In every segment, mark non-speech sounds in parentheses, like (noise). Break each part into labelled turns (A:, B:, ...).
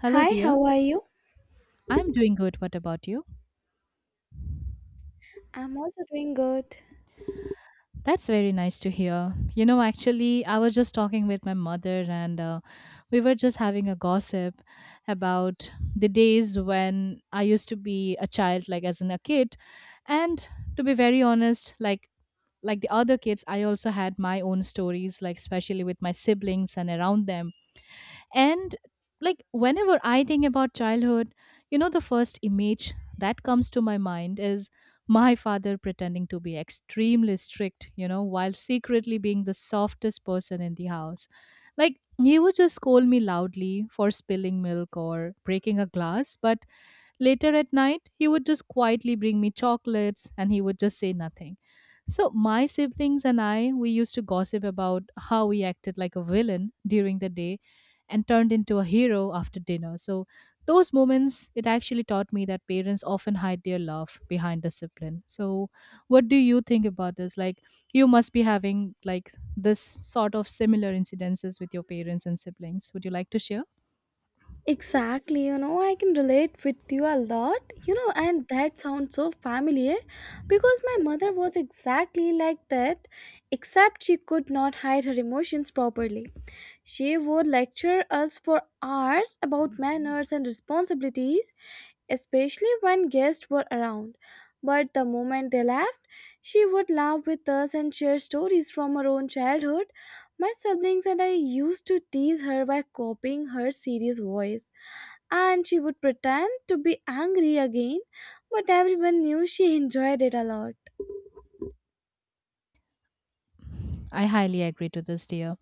A: Hello,
B: Hi,
A: dear.
B: how are you?
A: I'm doing good. What about you?
B: I'm also doing good.
A: That's very nice to hear. You know, actually, I was just talking with my mother, and we were just having a gossip about the days when I used to be a child, like as in a kid. And to be very honest, like the other kids, I also had my own stories, like especially with my siblings and around them. And like whenever I think about childhood, the first image that comes to my mind is my father pretending to be extremely strict, while secretly being the softest person in the house. Like he would just scold me loudly for spilling milk or breaking a glass, but later at night, he would just quietly bring me chocolates and he would just say nothing. So, my siblings and I, we used to gossip about how we acted like a villain during the day and turned into a hero after dinner. So, those moments, it actually taught me that parents often hide their love behind discipline. So, what do you think about this? Like, you must be having like this sort of similar incidences with your parents and siblings. Would you like to share?
B: Exactly, you know, I can relate with you a lot, you know, and that sounds so familiar because my mother was exactly like that, except she could not hide her emotions properly. She would lecture us for hours about manners and responsibilities, especially when guests were around. But the moment they left, she would laugh with us and share stories from her own childhood. My siblings and I used to tease her by copying her serious voice, and she would pretend to be angry again, but everyone knew she enjoyed it a lot.
A: I highly agree to this, dear.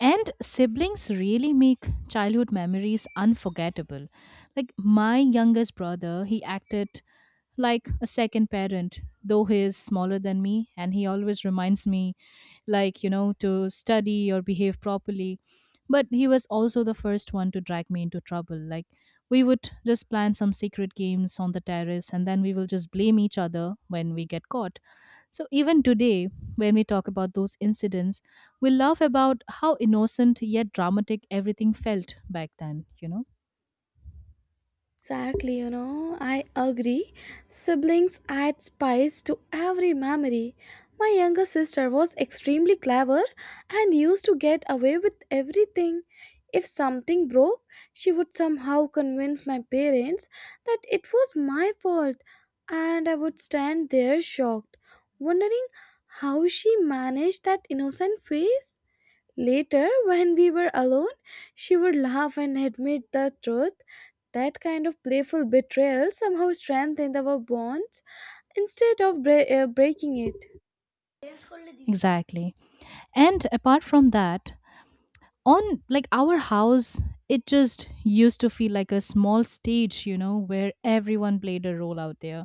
A: And siblings really make childhood memories unforgettable. Like my youngest brother, he acted like a second parent, though he is smaller than me, and he always reminds me like to study or behave properly, but he was also the first one to drag me into trouble. Like, we would just plan some secret games on the terrace, and then we will just blame each other when we get caught. So even today, when we talk about those incidents, we laugh about how innocent yet dramatic everything felt back then.
B: Exactly, you know, I agree. Siblings add spice to every memory. My younger sister was extremely clever and used to get away with everything. If something broke, she would somehow convince my parents that it was my fault, and I would stand there shocked, wondering how she managed that innocent face. Later, when we were alone, she would laugh and admit the truth. That kind of playful betrayal somehow strengthened our bonds instead of breaking it.
A: Exactly. And apart from that, on like our house, it just used to feel like a small stage, where everyone played a role out there.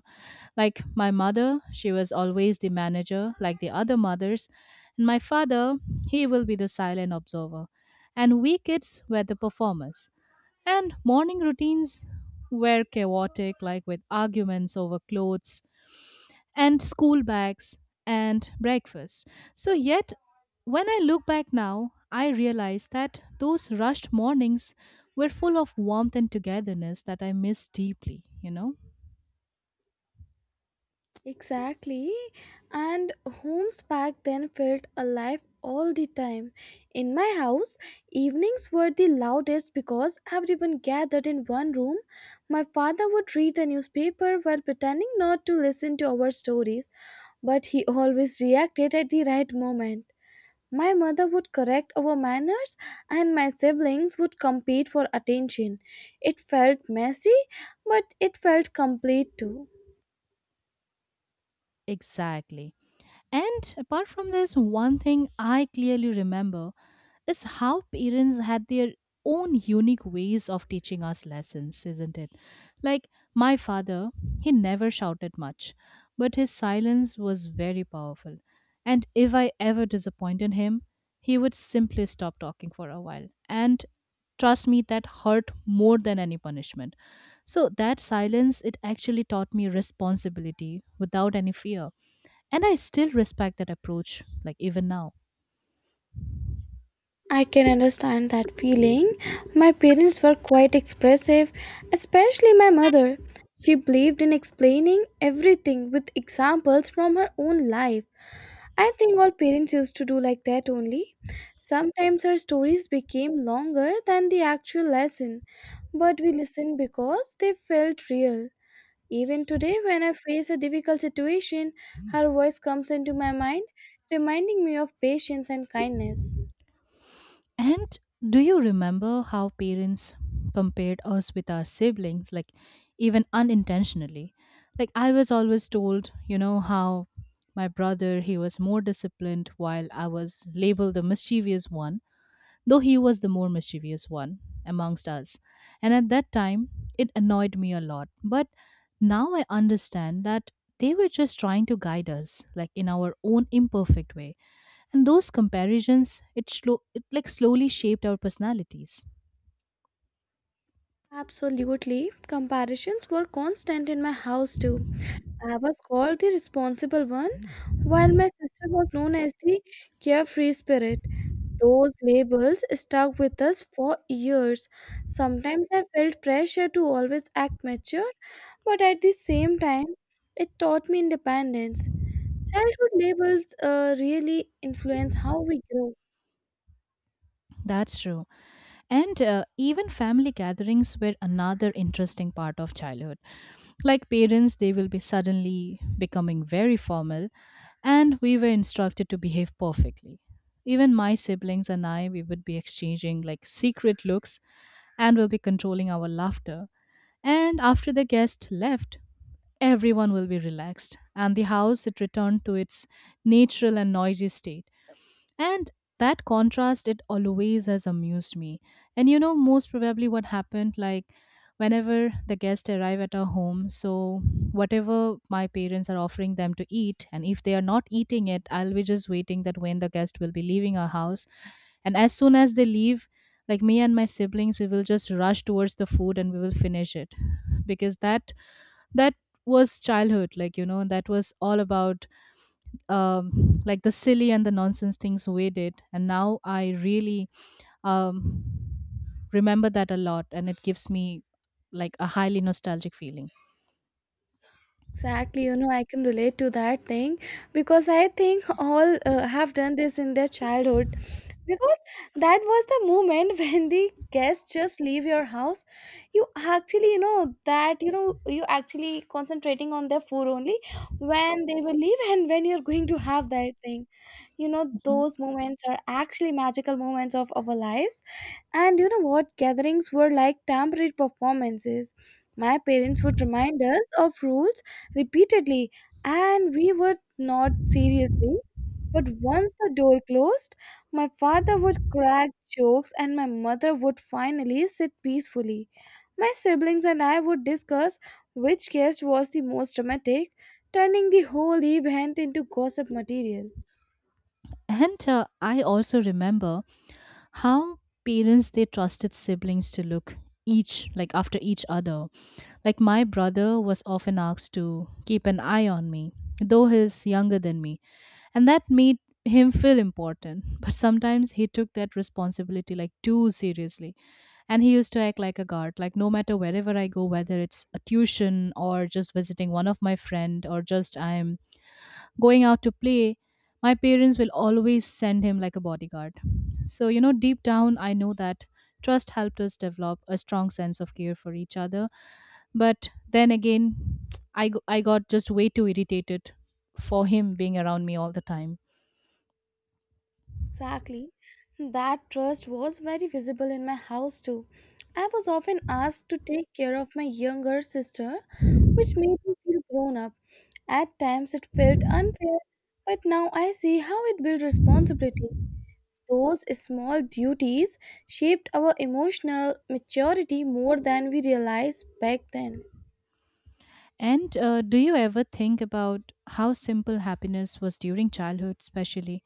A: Like my mother, she was always the manager, like the other mothers. And my father, he will be the silent observer. And we kids were the performers. And morning routines were chaotic, like with arguments over clothes and school bags and breakfast. So, yet, when I look back now, I realize that those rushed mornings were full of warmth and togetherness that I miss deeply, you know?
B: Exactly. And homes back then felt alive all the time. In my house, evenings were the loudest because everyone gathered in one room. My father would read the newspaper while pretending not to listen to our stories, but he always reacted at the right moment. My mother would correct our manners, and my siblings would compete for attention. It felt messy, but it felt complete too.
A: Exactly. And apart from this, one thing I clearly remember is how parents had their own unique ways of teaching us lessons, isn't it? Like my father, he never shouted much, but his silence was very powerful. And if I ever disappointed him, he would simply stop talking for a while. And trust me, that hurt more than any punishment. So that silence, it actually taught me responsibility without any fear. And I still respect that approach, like even now.
B: I can understand that feeling. My parents were quite expressive, especially my mother. She believed in explaining everything with examples from her own life. I think all parents used to do like that only. Sometimes our stories became longer than the actual lesson, but we listened because they felt real. Even today, when I face a difficult situation, her voice comes into my mind, reminding me of patience and kindness.
A: And do you remember how parents compared us with our siblings, like even unintentionally? Like, I was always told, how my brother, he was more disciplined, while I was labeled the mischievous one, though he was the more mischievous one amongst us. And at that time, it annoyed me a lot, but now I understand that they were just trying to guide us, like in our own imperfect way. And those comparisons, it like slowly shaped our personalities.
B: Absolutely, comparisons were constant in my house too. I was called the responsible one, while my sister was known as the carefree spirit. Those labels stuck with us for years. Sometimes I felt pressure to always act mature, but at the same time, it taught me independence. Childhood labels really influence how we grow.
A: That's true. And even family gatherings were another interesting part of childhood. Like parents, they will be suddenly becoming very formal, and we were instructed to behave perfectly. Even my siblings and I, we would be exchanging like secret looks, and we'll be controlling our laughter. And after the guest left, everyone will be relaxed, and the house it returned to its natural and noisy state. And that contrast, it always has amused me. And most probably what happened, like whenever the guests arrive at our home, so whatever my parents are offering them to eat, and if they are not eating it, I'll be just waiting that when the guest will be leaving our house. And as soon as they leave, like me and my siblings, we will just rush towards the food and we will finish it. Because that was childhood, like that was all about (sighs) like the silly and the nonsense things we did. And now I really um, remember that a lot, and it gives me like a highly nostalgic feeling.
B: Exactly, you know, I can relate to that thing because I think all have done this in their childhood because that was the moment (laughs) when the guests just leave your house. You actually, you know, that you know, you actually concentrating on their food only when they will leave (laughs) and when you're going to have that thing. You know,
A: Mhm.
B: those moments are actually magical moments of our lives. And you know what? Gatherings were like temporary performances. My parents would remind us of rules repeatedly, and we would nod seriously. But once the door closed, my father would crack jokes and my mother would finally sit peacefully. My siblings and I would discuss which guest was the most dramatic, turning the whole event into gossip material.
A: And I also remember how parents they trusted siblings to look each like after each other. Like my brother was often asked to keep an eye on me, though he's younger than me, and that made him feel important. (laughs) But sometimes he took that responsibility like too seriously. And he used to act like a guard. Like no matter wherever I go, whether it's a tuition or just visiting one of my friend or just I'm going out to play, my parents will always send him like a bodyguard. So, deep down I know that trust helped us develop a strong sense of care for each other. But then again, I got just way too irritated for him being around me all the time.
B: Exactly. That trust was very visible in my house too. I was often asked to take care of my younger sister, which made me feel grown up. At times it felt unfair, but now I see how it built responsibility. Those small duties shaped our emotional maturity more than we realized back then.
A: And do you ever think about how simple happiness was during childhood, especially?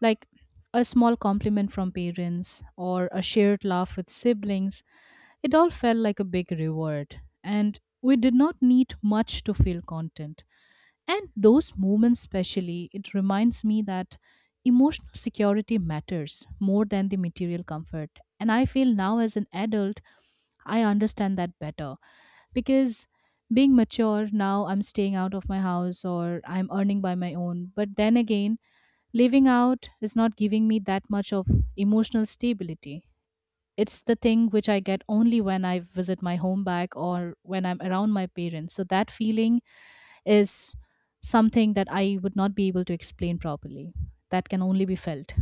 A: Like a small compliment from parents or a shared laugh with siblings, it all felt like a big reward. And we did not need much to feel content. And those moments, especially, it reminds me that emotional security matters more than the material comfort. And I feel now as an adult, I understand that better, because being mature now I'm staying out of my house or I'm earning by my own. But then again, living out is not giving me that much of emotional stability. It's the thing which I get only when I visit my home back or when I'm around my parents. So that feeling is something that I would not be able to explain properly. That can only be felt.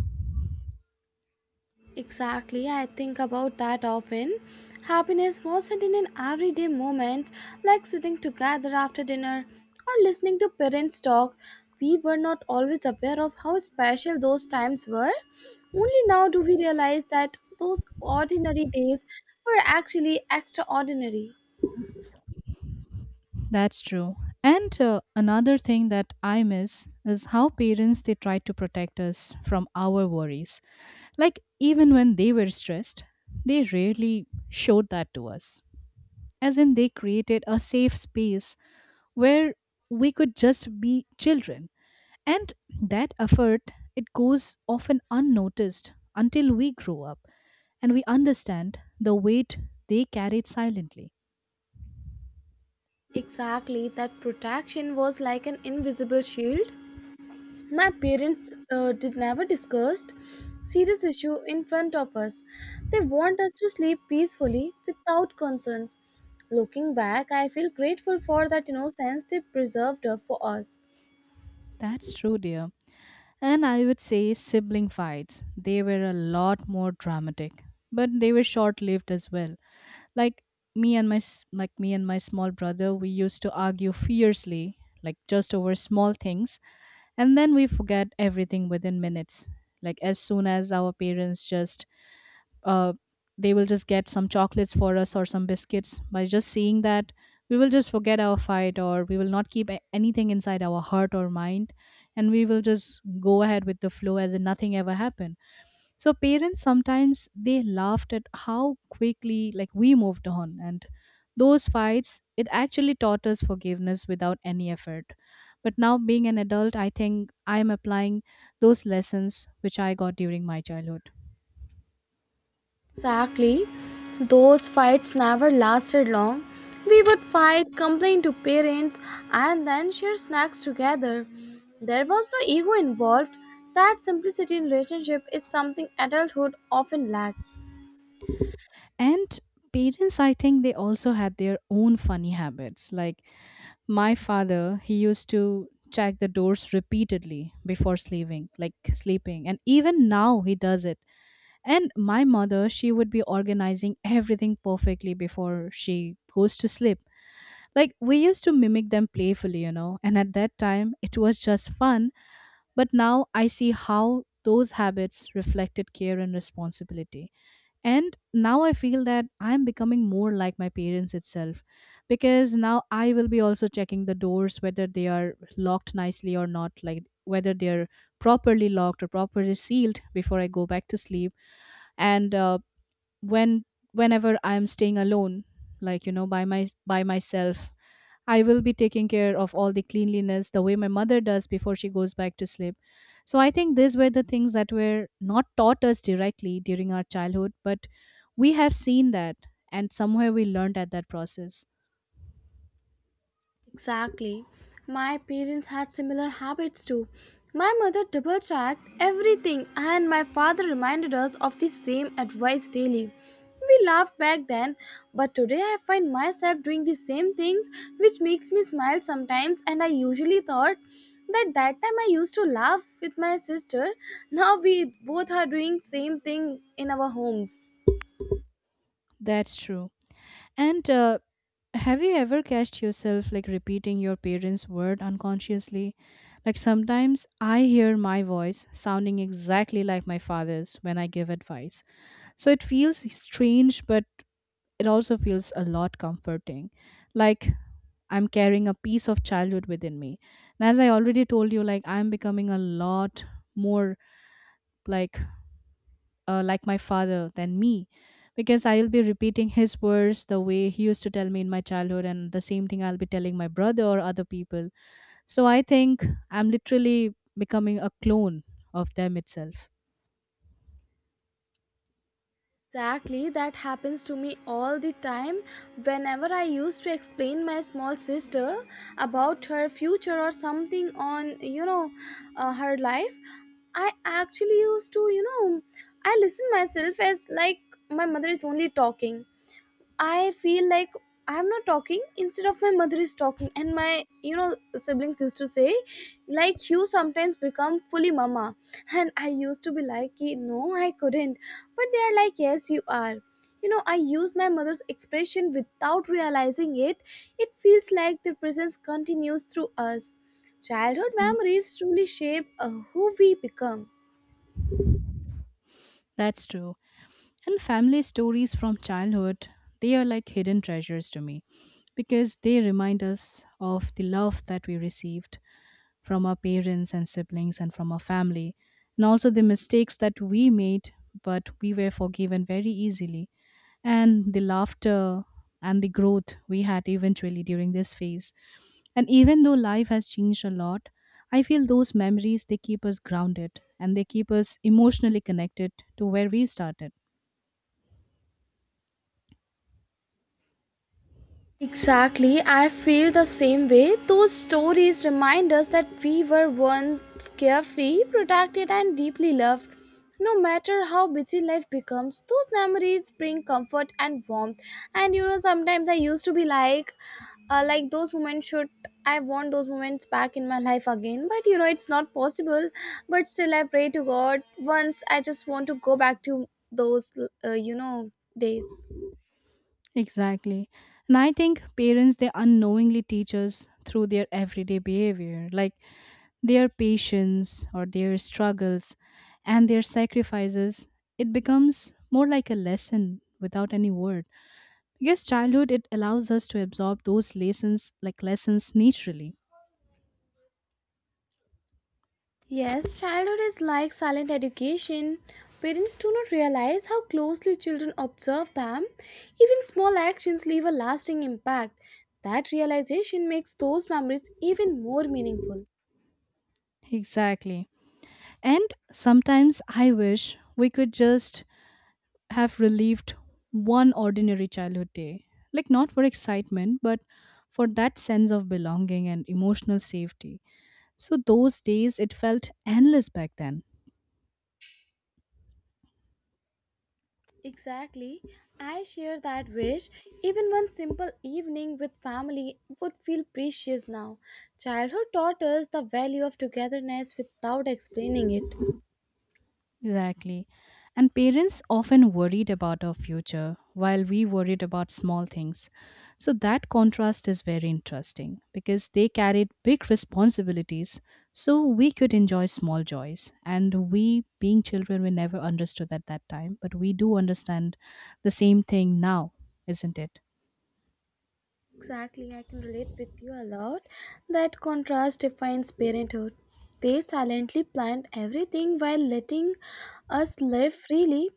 B: Exactly, I think about that often. Happiness wasn't in an everyday moment like sitting together after dinner or listening to parents talk. We were not always aware of how special those times were. Only now do we realize that those ordinary days were actually extraordinary.
A: That's true. And another thing that I miss is how parents they try to protect us from our worries. Like even when they were stressed, they rarely showed that to us. As in, they created a safe space where we could just be children, and that effort, it goes often unnoticed until we grow up and we understand the weight they carried silently.
B: Exactly, that protection was like an invisible shield. My parents did never discussed serious issue in front of us. They want us to sleep peacefully without concerns. Looking back, I feel grateful for that innocence they preserved for us.
A: That's true, dear. And I would say sibling fights, they were a lot more dramatic, but they were short lived as well. Like me and my small brother, we used to argue fiercely, like just over small things, and then we forget everything within minutes. Like as soon as our parents just uh they will just get some chocolates for us or some biscuits, by just seeing that we will just forget our fight, or we will not keep anything inside our heart or mind, and we will just go ahead with the flow as if nothing ever happened. So parents sometimes they laughed at how quickly like we moved on. And those fights, it actually taught us forgiveness without any effort. But now being an adult, I think I am applying those lessons which I got during my childhood.
B: Exactly. Those fights never lasted long. We would fight, complain to parents, and then share snacks together. There was no ego involved. That simplicity in relationship is something adulthood often lacks.
A: And parents, I think they also had their own funny habits. Like my father, he used to check the doors repeatedly before sleeping, like sleeping. And even now he does it. And my mother, she would be organizing everything perfectly before she goes to sleep. Like we used to mimic them playfully, and at that time it was just fun. But now I see how those habits reflected care and responsibility. And now I feel that I'm becoming more like my parents itself, because now I will be also checking the doors whether they are locked nicely or not, like whether they're properly locked or properly sealed before I go back to sleep. And when whenever I'm staying alone, like by my by myself, I will be taking care of all the cleanliness the way my mother does before she goes back to sleep. So I think these were the things that were not taught us directly during our childhood, but we have seen that, and somewhere we learned at that process.
B: Exactly. My parents had similar habits too. My mother double checked everything, and my father reminded us of the same advice daily. We laughed back then, but today I find myself doing the same things, which makes me smile sometimes. And I usually thought that that time I used to laugh with my sister. Now we both are doing same thing in our homes.
A: That's true. And have you ever catched yourself like repeating your parents' word unconsciously? Like sometimes I hear my voice sounding exactly like my father's when I give advice. So it feels strange, but it also feels a lot comforting. Like I'm carrying a piece of childhood within me. And as I already told you, like I'm becoming a lot more like like my father than me, because I'll be repeating his words the way he used to tell me in my childhood, and the same thing I'll be telling my brother or other people. So I think I'm literally becoming a clone of them itself.
B: Exactly, that happens to me all the time. Whenever I used to explain my small sister about her future or something on, you know, her life, I actually used to, you know, I listen myself as like my mother is only talking. I feel like I'm not talking instead of my mother is talking, and my, you know, siblings used to say like, "You sometimes become fully mama." (laughs) And I used to be like, "Ki, no, I couldn't," but they are like, "Yes, you are." You know, I use my mother's expression without realizing it. It feels like their presence continues through us. Childhood
A: Mhm.
B: memories truly shape who we become.
A: That's true. And family stories from childhood, they are like hidden treasures to me because they remind us of the love that we received from our parents and siblings and from our family, and also the mistakes that we made, but we were forgiven very easily, and the laughter and the growth we had eventually during this phase. And even though life has changed a lot, I feel those memories they keep us grounded and they keep us emotionally connected to where we started.
B: Exactly, I feel the same way. Those stories remind us that we were once carefree, protected, and deeply loved. No matter how busy life becomes, those memories bring comfort and warmth. And you know, sometimes I used to be like those moments should, I want those moments back in my life again. But you know, it's not possible. But still, I pray to God. Once I just want to go back to those, you know, days.
A: Exactly. And I think parents, they unknowingly teach us through their everyday behavior, like their patience or their struggles and their sacrifices. It becomes more like a lesson without any word. I guess childhood, it allows us to absorb those lessons, like lessons naturally.
B: Yes, childhood is like silent education. Parents do not realize how closely children observe them. Even small actions leave a lasting impact. That realization makes those memories even more meaningful.
A: Exactly. And sometimes I wish we could just have relieved one ordinary childhood day. Like, not for excitement, but for that sense of belonging and emotional safety. So, those days, it felt endless back then.
B: Exactly. I share that wish. Even one simple evening with family would feel precious now. Childhood taught us the value of togetherness without explaining it.
A: Exactly. And parents often worried about our future while we worried about small things. So that contrast is very interesting because they carried big responsibilities so we could enjoy small joys. And we, being children, we never understood at that time, but we do understand the same thing now, isn't it?
B: Exactly, I can relate with you a lot. That contrast defines parenthood. They silently planned everything while letting us live freely.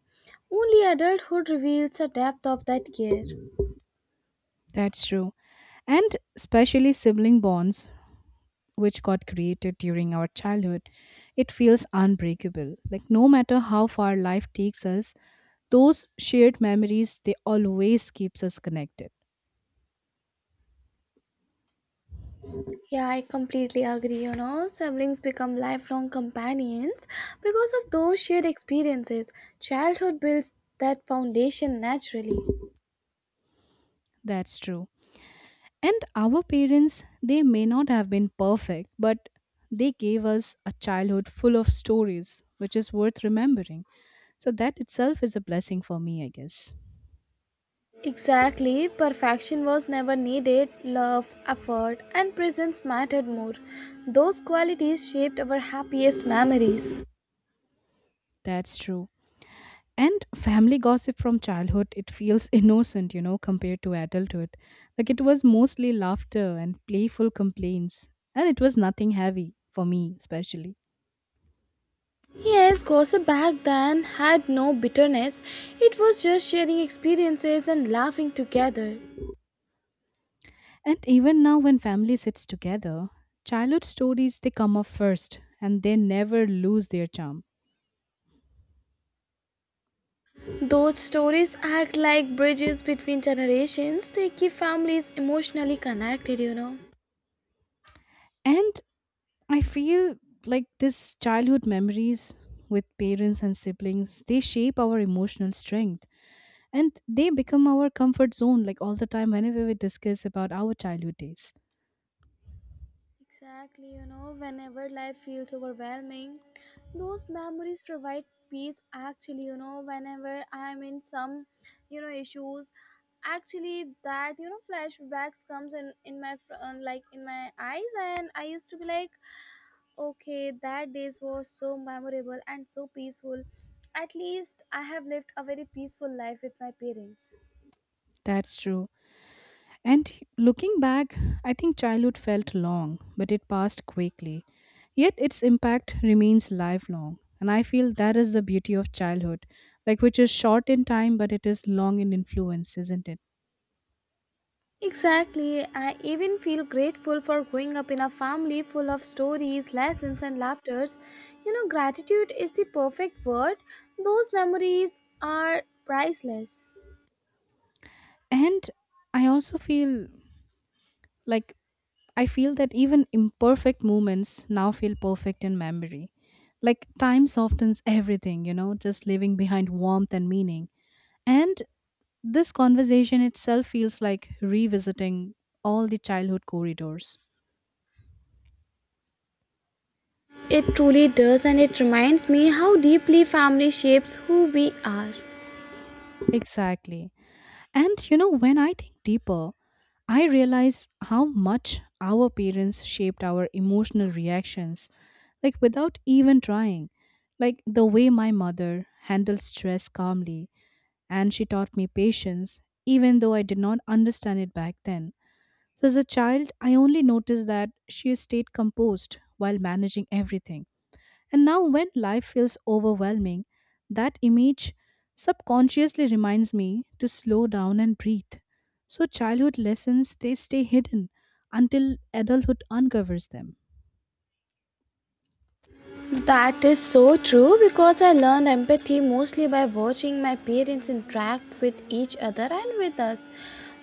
B: Only adulthood reveals the depth of that care.
A: That's true. And especially sibling bonds which got created during our childhood, it feels unbreakable. Like no matter how far life takes us, those shared memories they always keeps us connected.
B: Yeah, I completely agree. You know, siblings become lifelong companions because of those shared experiences. Childhood builds that foundation naturally.
A: That's true. And our parents, they may not have been perfect, but they gave us a childhood full of stories, which is worth remembering. So that itself is a blessing for me, I guess.
B: Exactly, perfection was never needed. Love, effort, and presence mattered more. Those qualities shaped our happiest memories.
A: That's true. And family gossip from childhood, it feels (laughs) innocent, compared to adulthood. Like it was mostly laughter and playful complaints. And it was nothing heavy, for me especially.
B: Yes, gossip back then had no bitterness. It was just sharing experiences and laughing together.
A: And even now, when family sits together, childhood stories they come up first and they never lose their charm.
B: Those stories act like bridges between generations. They keep families emotionally connected, you know.
A: And I feel like this childhood memories with parents and siblings, they shape our emotional strength and they become our comfort zone like all the time whenever we discuss about our childhood days.
B: Exactly, you know, whenever life feels overwhelming, those memories provide peace. Actually, you know, whenever I'm in some, you know, issues, actually that you know flashbacks comes in my like in my eyes, and I used to be like, okay, that days was so memorable and so peaceful. At least I have lived a very peaceful life with my parents.
A: That's true. And looking back, I think childhood felt long but it passed quickly, yet its impact remains lifelong. And I feel that is the beauty of childhood, like which is short in time but it is long in influence, isn't it?
B: Exactly. I even feel grateful for growing up in a family full of stories, lessons, and laughters. You know, gratitude is the perfect word. Those memories are priceless.
A: And I also feel like I feel that even imperfect moments now feel perfect in memory. Like time softens everything, just leaving behind warmth and meaning. And this conversation itself feels like revisiting all the childhood corridors.
B: It truly does, and it reminds me how deeply family shapes who we are.
A: Exactly. And when I think deeper, I realize how much our parents shaped our emotional reactions, like without even trying. Like the way my mother handled stress calmly, and she taught me patience, even though I did not understand it back then. So, as a child, I only noticed that she stayed composed while managing everything. And now, when life feels overwhelming, that image subconsciously reminds me to slow down and breathe. So, childhood lessons they stay hidden until adulthood uncovers them.
B: That is so true because I learned empathy mostly by watching my parents interact with each other and with us.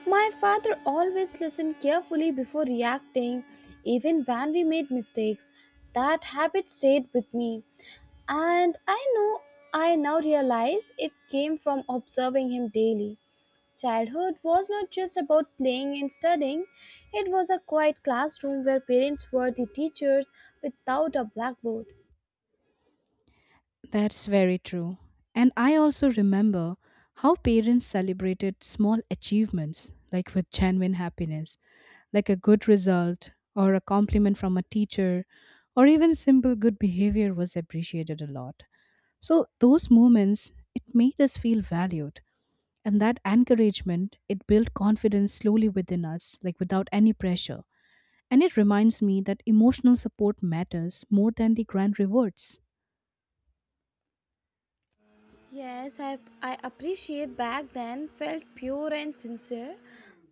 B: My father always listened carefully before reacting, even when we made mistakes. That habit stayed with me, and I now realize it came from observing him daily. Childhood was not just about playing and studying, it was a quiet classroom where parents were the teachers without a blackboard.
A: That's very true. And I also remember how parents celebrated small achievements, like with genuine happiness. Like a good result or a compliment from a teacher or even simple good behavior was appreciated a lot. So those moments it made us feel valued, and that encouragement it built confidence slowly within us like without any pressure. And it reminds me that emotional support matters more than the grand rewards.
B: Yes, I appreciate back then felt pure and sincere.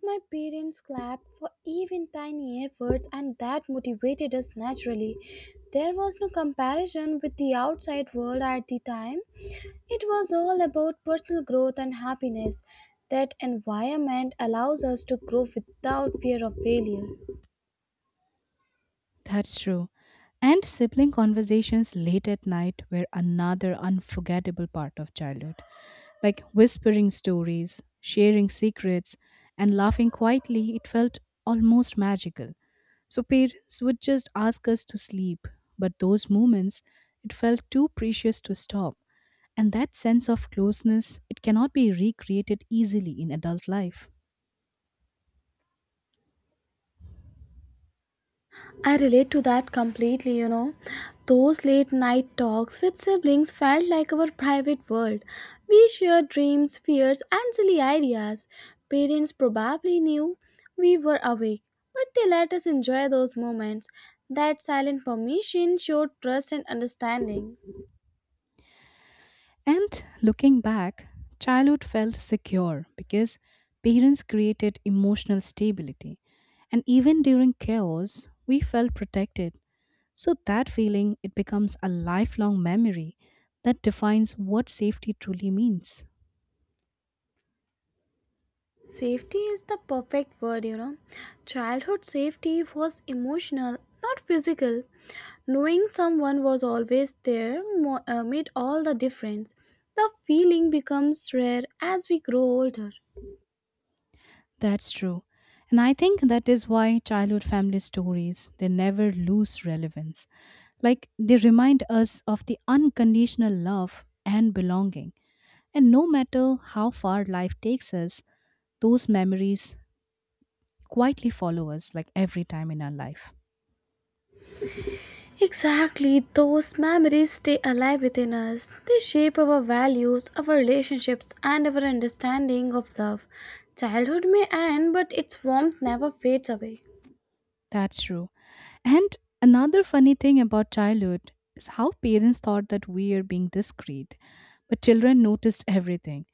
B: My parents clapped for even tiny efforts, and that motivated us naturally. There was no comparison with the outside world at the time. It was all about personal growth and happiness. That environment allows us to grow without fear of failure.
A: That's true. And sibling conversations late at night were another unforgettable part of childhood. Like whispering stories, sharing secrets, and laughing quietly, it felt almost magical. So parents would just ask us to sleep, but those moments, it felt too precious to stop. And that sense of closeness, it cannot be recreated easily in adult life.
B: I relate to that completely, you know. Those late night talks with siblings felt like our private world. We shared dreams, fears, and silly ideas. Parents probably knew we were awake, but they let us enjoy those moments. That silent permission showed trust and understanding.
A: And looking back, childhood felt secure because parents created emotional stability. And even during chaos, we felt protected. So that feeling, it becomes a lifelong memory that defines what safety truly means.
B: Safety is the perfect word, you know. Childhood safety was emotional, not physical. Knowing someone was always there made all the difference. The feeling becomes rare as we grow older.
A: That's true. And I think that is why childhood family stories, they never lose relevance. Like they remind us of the unconditional love and belonging. And no matter how far life takes us, those memories quietly follow us like every time in our life.
B: Exactly, those memories stay alive within us. They shape our values, our relationships, and our understanding of love. Childhood may end, but its warmth never fades away.
A: That's true. And another funny thing about childhood is how parents thought that we are being discreet, but children noticed everything.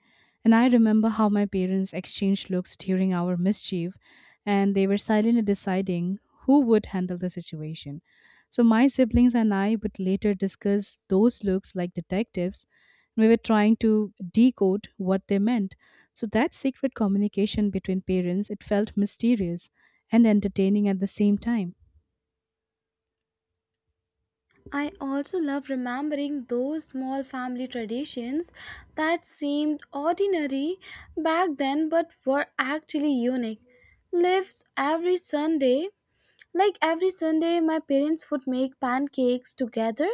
A: And I remember how my parents exchanged looks during our mischief, and they were silently deciding who would handle the situation. So my siblings and I would later discuss those looks like detectives we were trying to decode what they meant. So that secret communication between parents, it felt mysterious and entertaining at the same time.
B: I also love remembering those small family traditions that seemed ordinary back then but were actually unique. Lives every Sunday, like every Sunday, my parents would make pancakes together,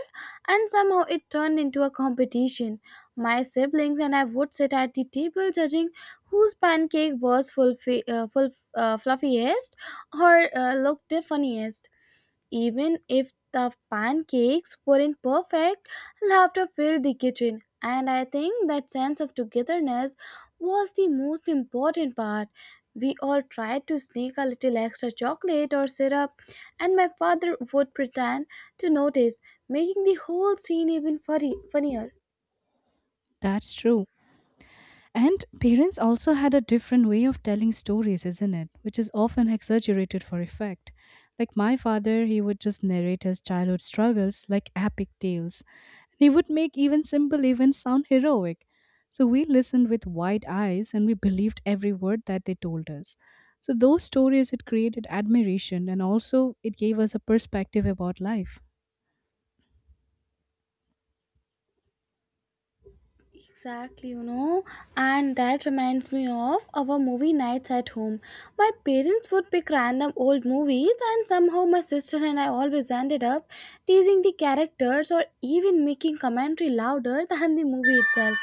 B: and somehow it turned into a competition. My siblings and I would sit at the table judging whose pancake was fluffiest or looked the funniest. Even if the pancakes weren't perfect, laughter filled the kitchen, and I think that sense of togetherness was the most important part. We all tried to sneak a little extra chocolate or syrup, and my father would pretend to notice, making the whole scene even funnier.
A: That's true. And parents also had a different way of telling stories, isn't it? Which is often exaggerated for effect. Like my father, he would just narrate his childhood struggles like epic tales. He would make even simple events sound heroic. So we listened with wide eyes and we believed every word that they told us. So those stories, it created admiration and also it gave us a perspective about life.
B: Exactly, you know, and that reminds me of our movie nights at home. My parents would pick random old movies, and somehow my sister and I always ended up teasing the characters or even making commentary louder (laughs) than the movie itself.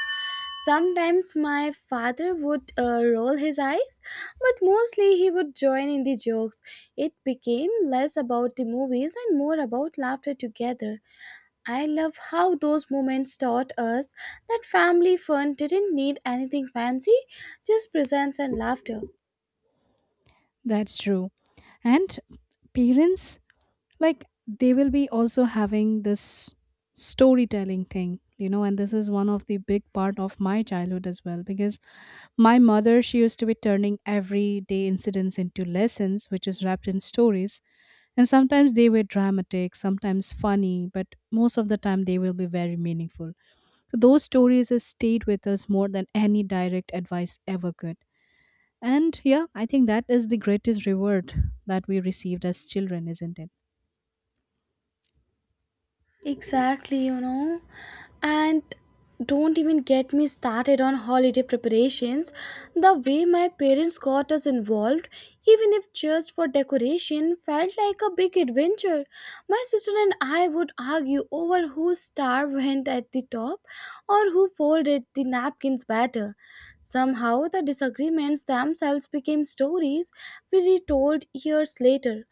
B: Sometimes my father would roll his eyes, but mostly he would join in the jokes. It became less about the movies and more about laughter together. I love how those moments taught us that family fun didn't need anything fancy, just presence and laughter.
A: That's true. And parents like they will be also having this storytelling thing and this is one of the big part of my childhood as well because my mother she used to be turning everyday incidents into lessons which is wrapped in stories. And sometimes they were dramatic, sometimes funny, but most of the time they will be very meaningful. So those stories has stayed with us more than any direct advice ever could. And yeah, I think that is the greatest reward that we received as children, isn't it?
B: Exactly, you know. And don't even get me started on holiday preparations. The way my parents got us involved, even if just for decoration, felt like a big adventure. My sister and I would argue over whose star went at the top or who folded the napkins better. Somehow, the disagreements themselves became stories we retold years later.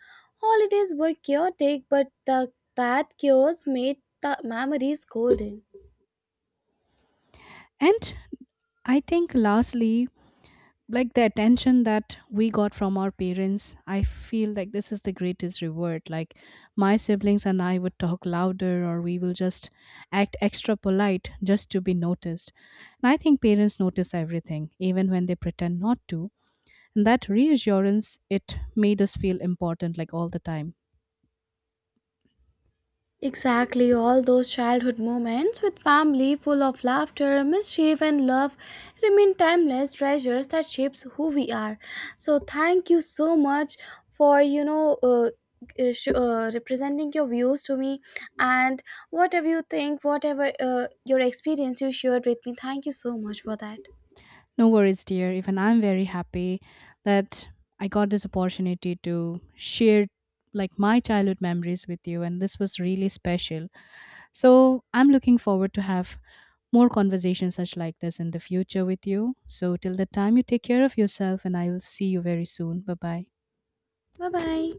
B: Holidays were chaotic, but the that chaos made the memories golden.
A: And I think lastly, like the attention that we got from our parents, I feel like this is the greatest reward. Like my siblings and I would talk louder or we will just act extra polite just to be noticed. And I think parents notice everything, even when they pretend not to. And that reassurance, it made us feel important like all the time.
B: Exactly, all those childhood moments with family full of laughter, mischief, and love remain timeless treasures that shapes who we are. So, thank you so much for representing your views to me, and whatever you think, whatever your experience you shared with me. Thank you so much for that.
A: No worries, dear. Even I'm very happy that I got this opportunity to share like my childhood memories with you and this was really special. So, I'm looking forward to have more conversations such like this in the future with you. So, till the time you take care of yourself and I will see you very soon. Bye-bye.
B: Bye bye.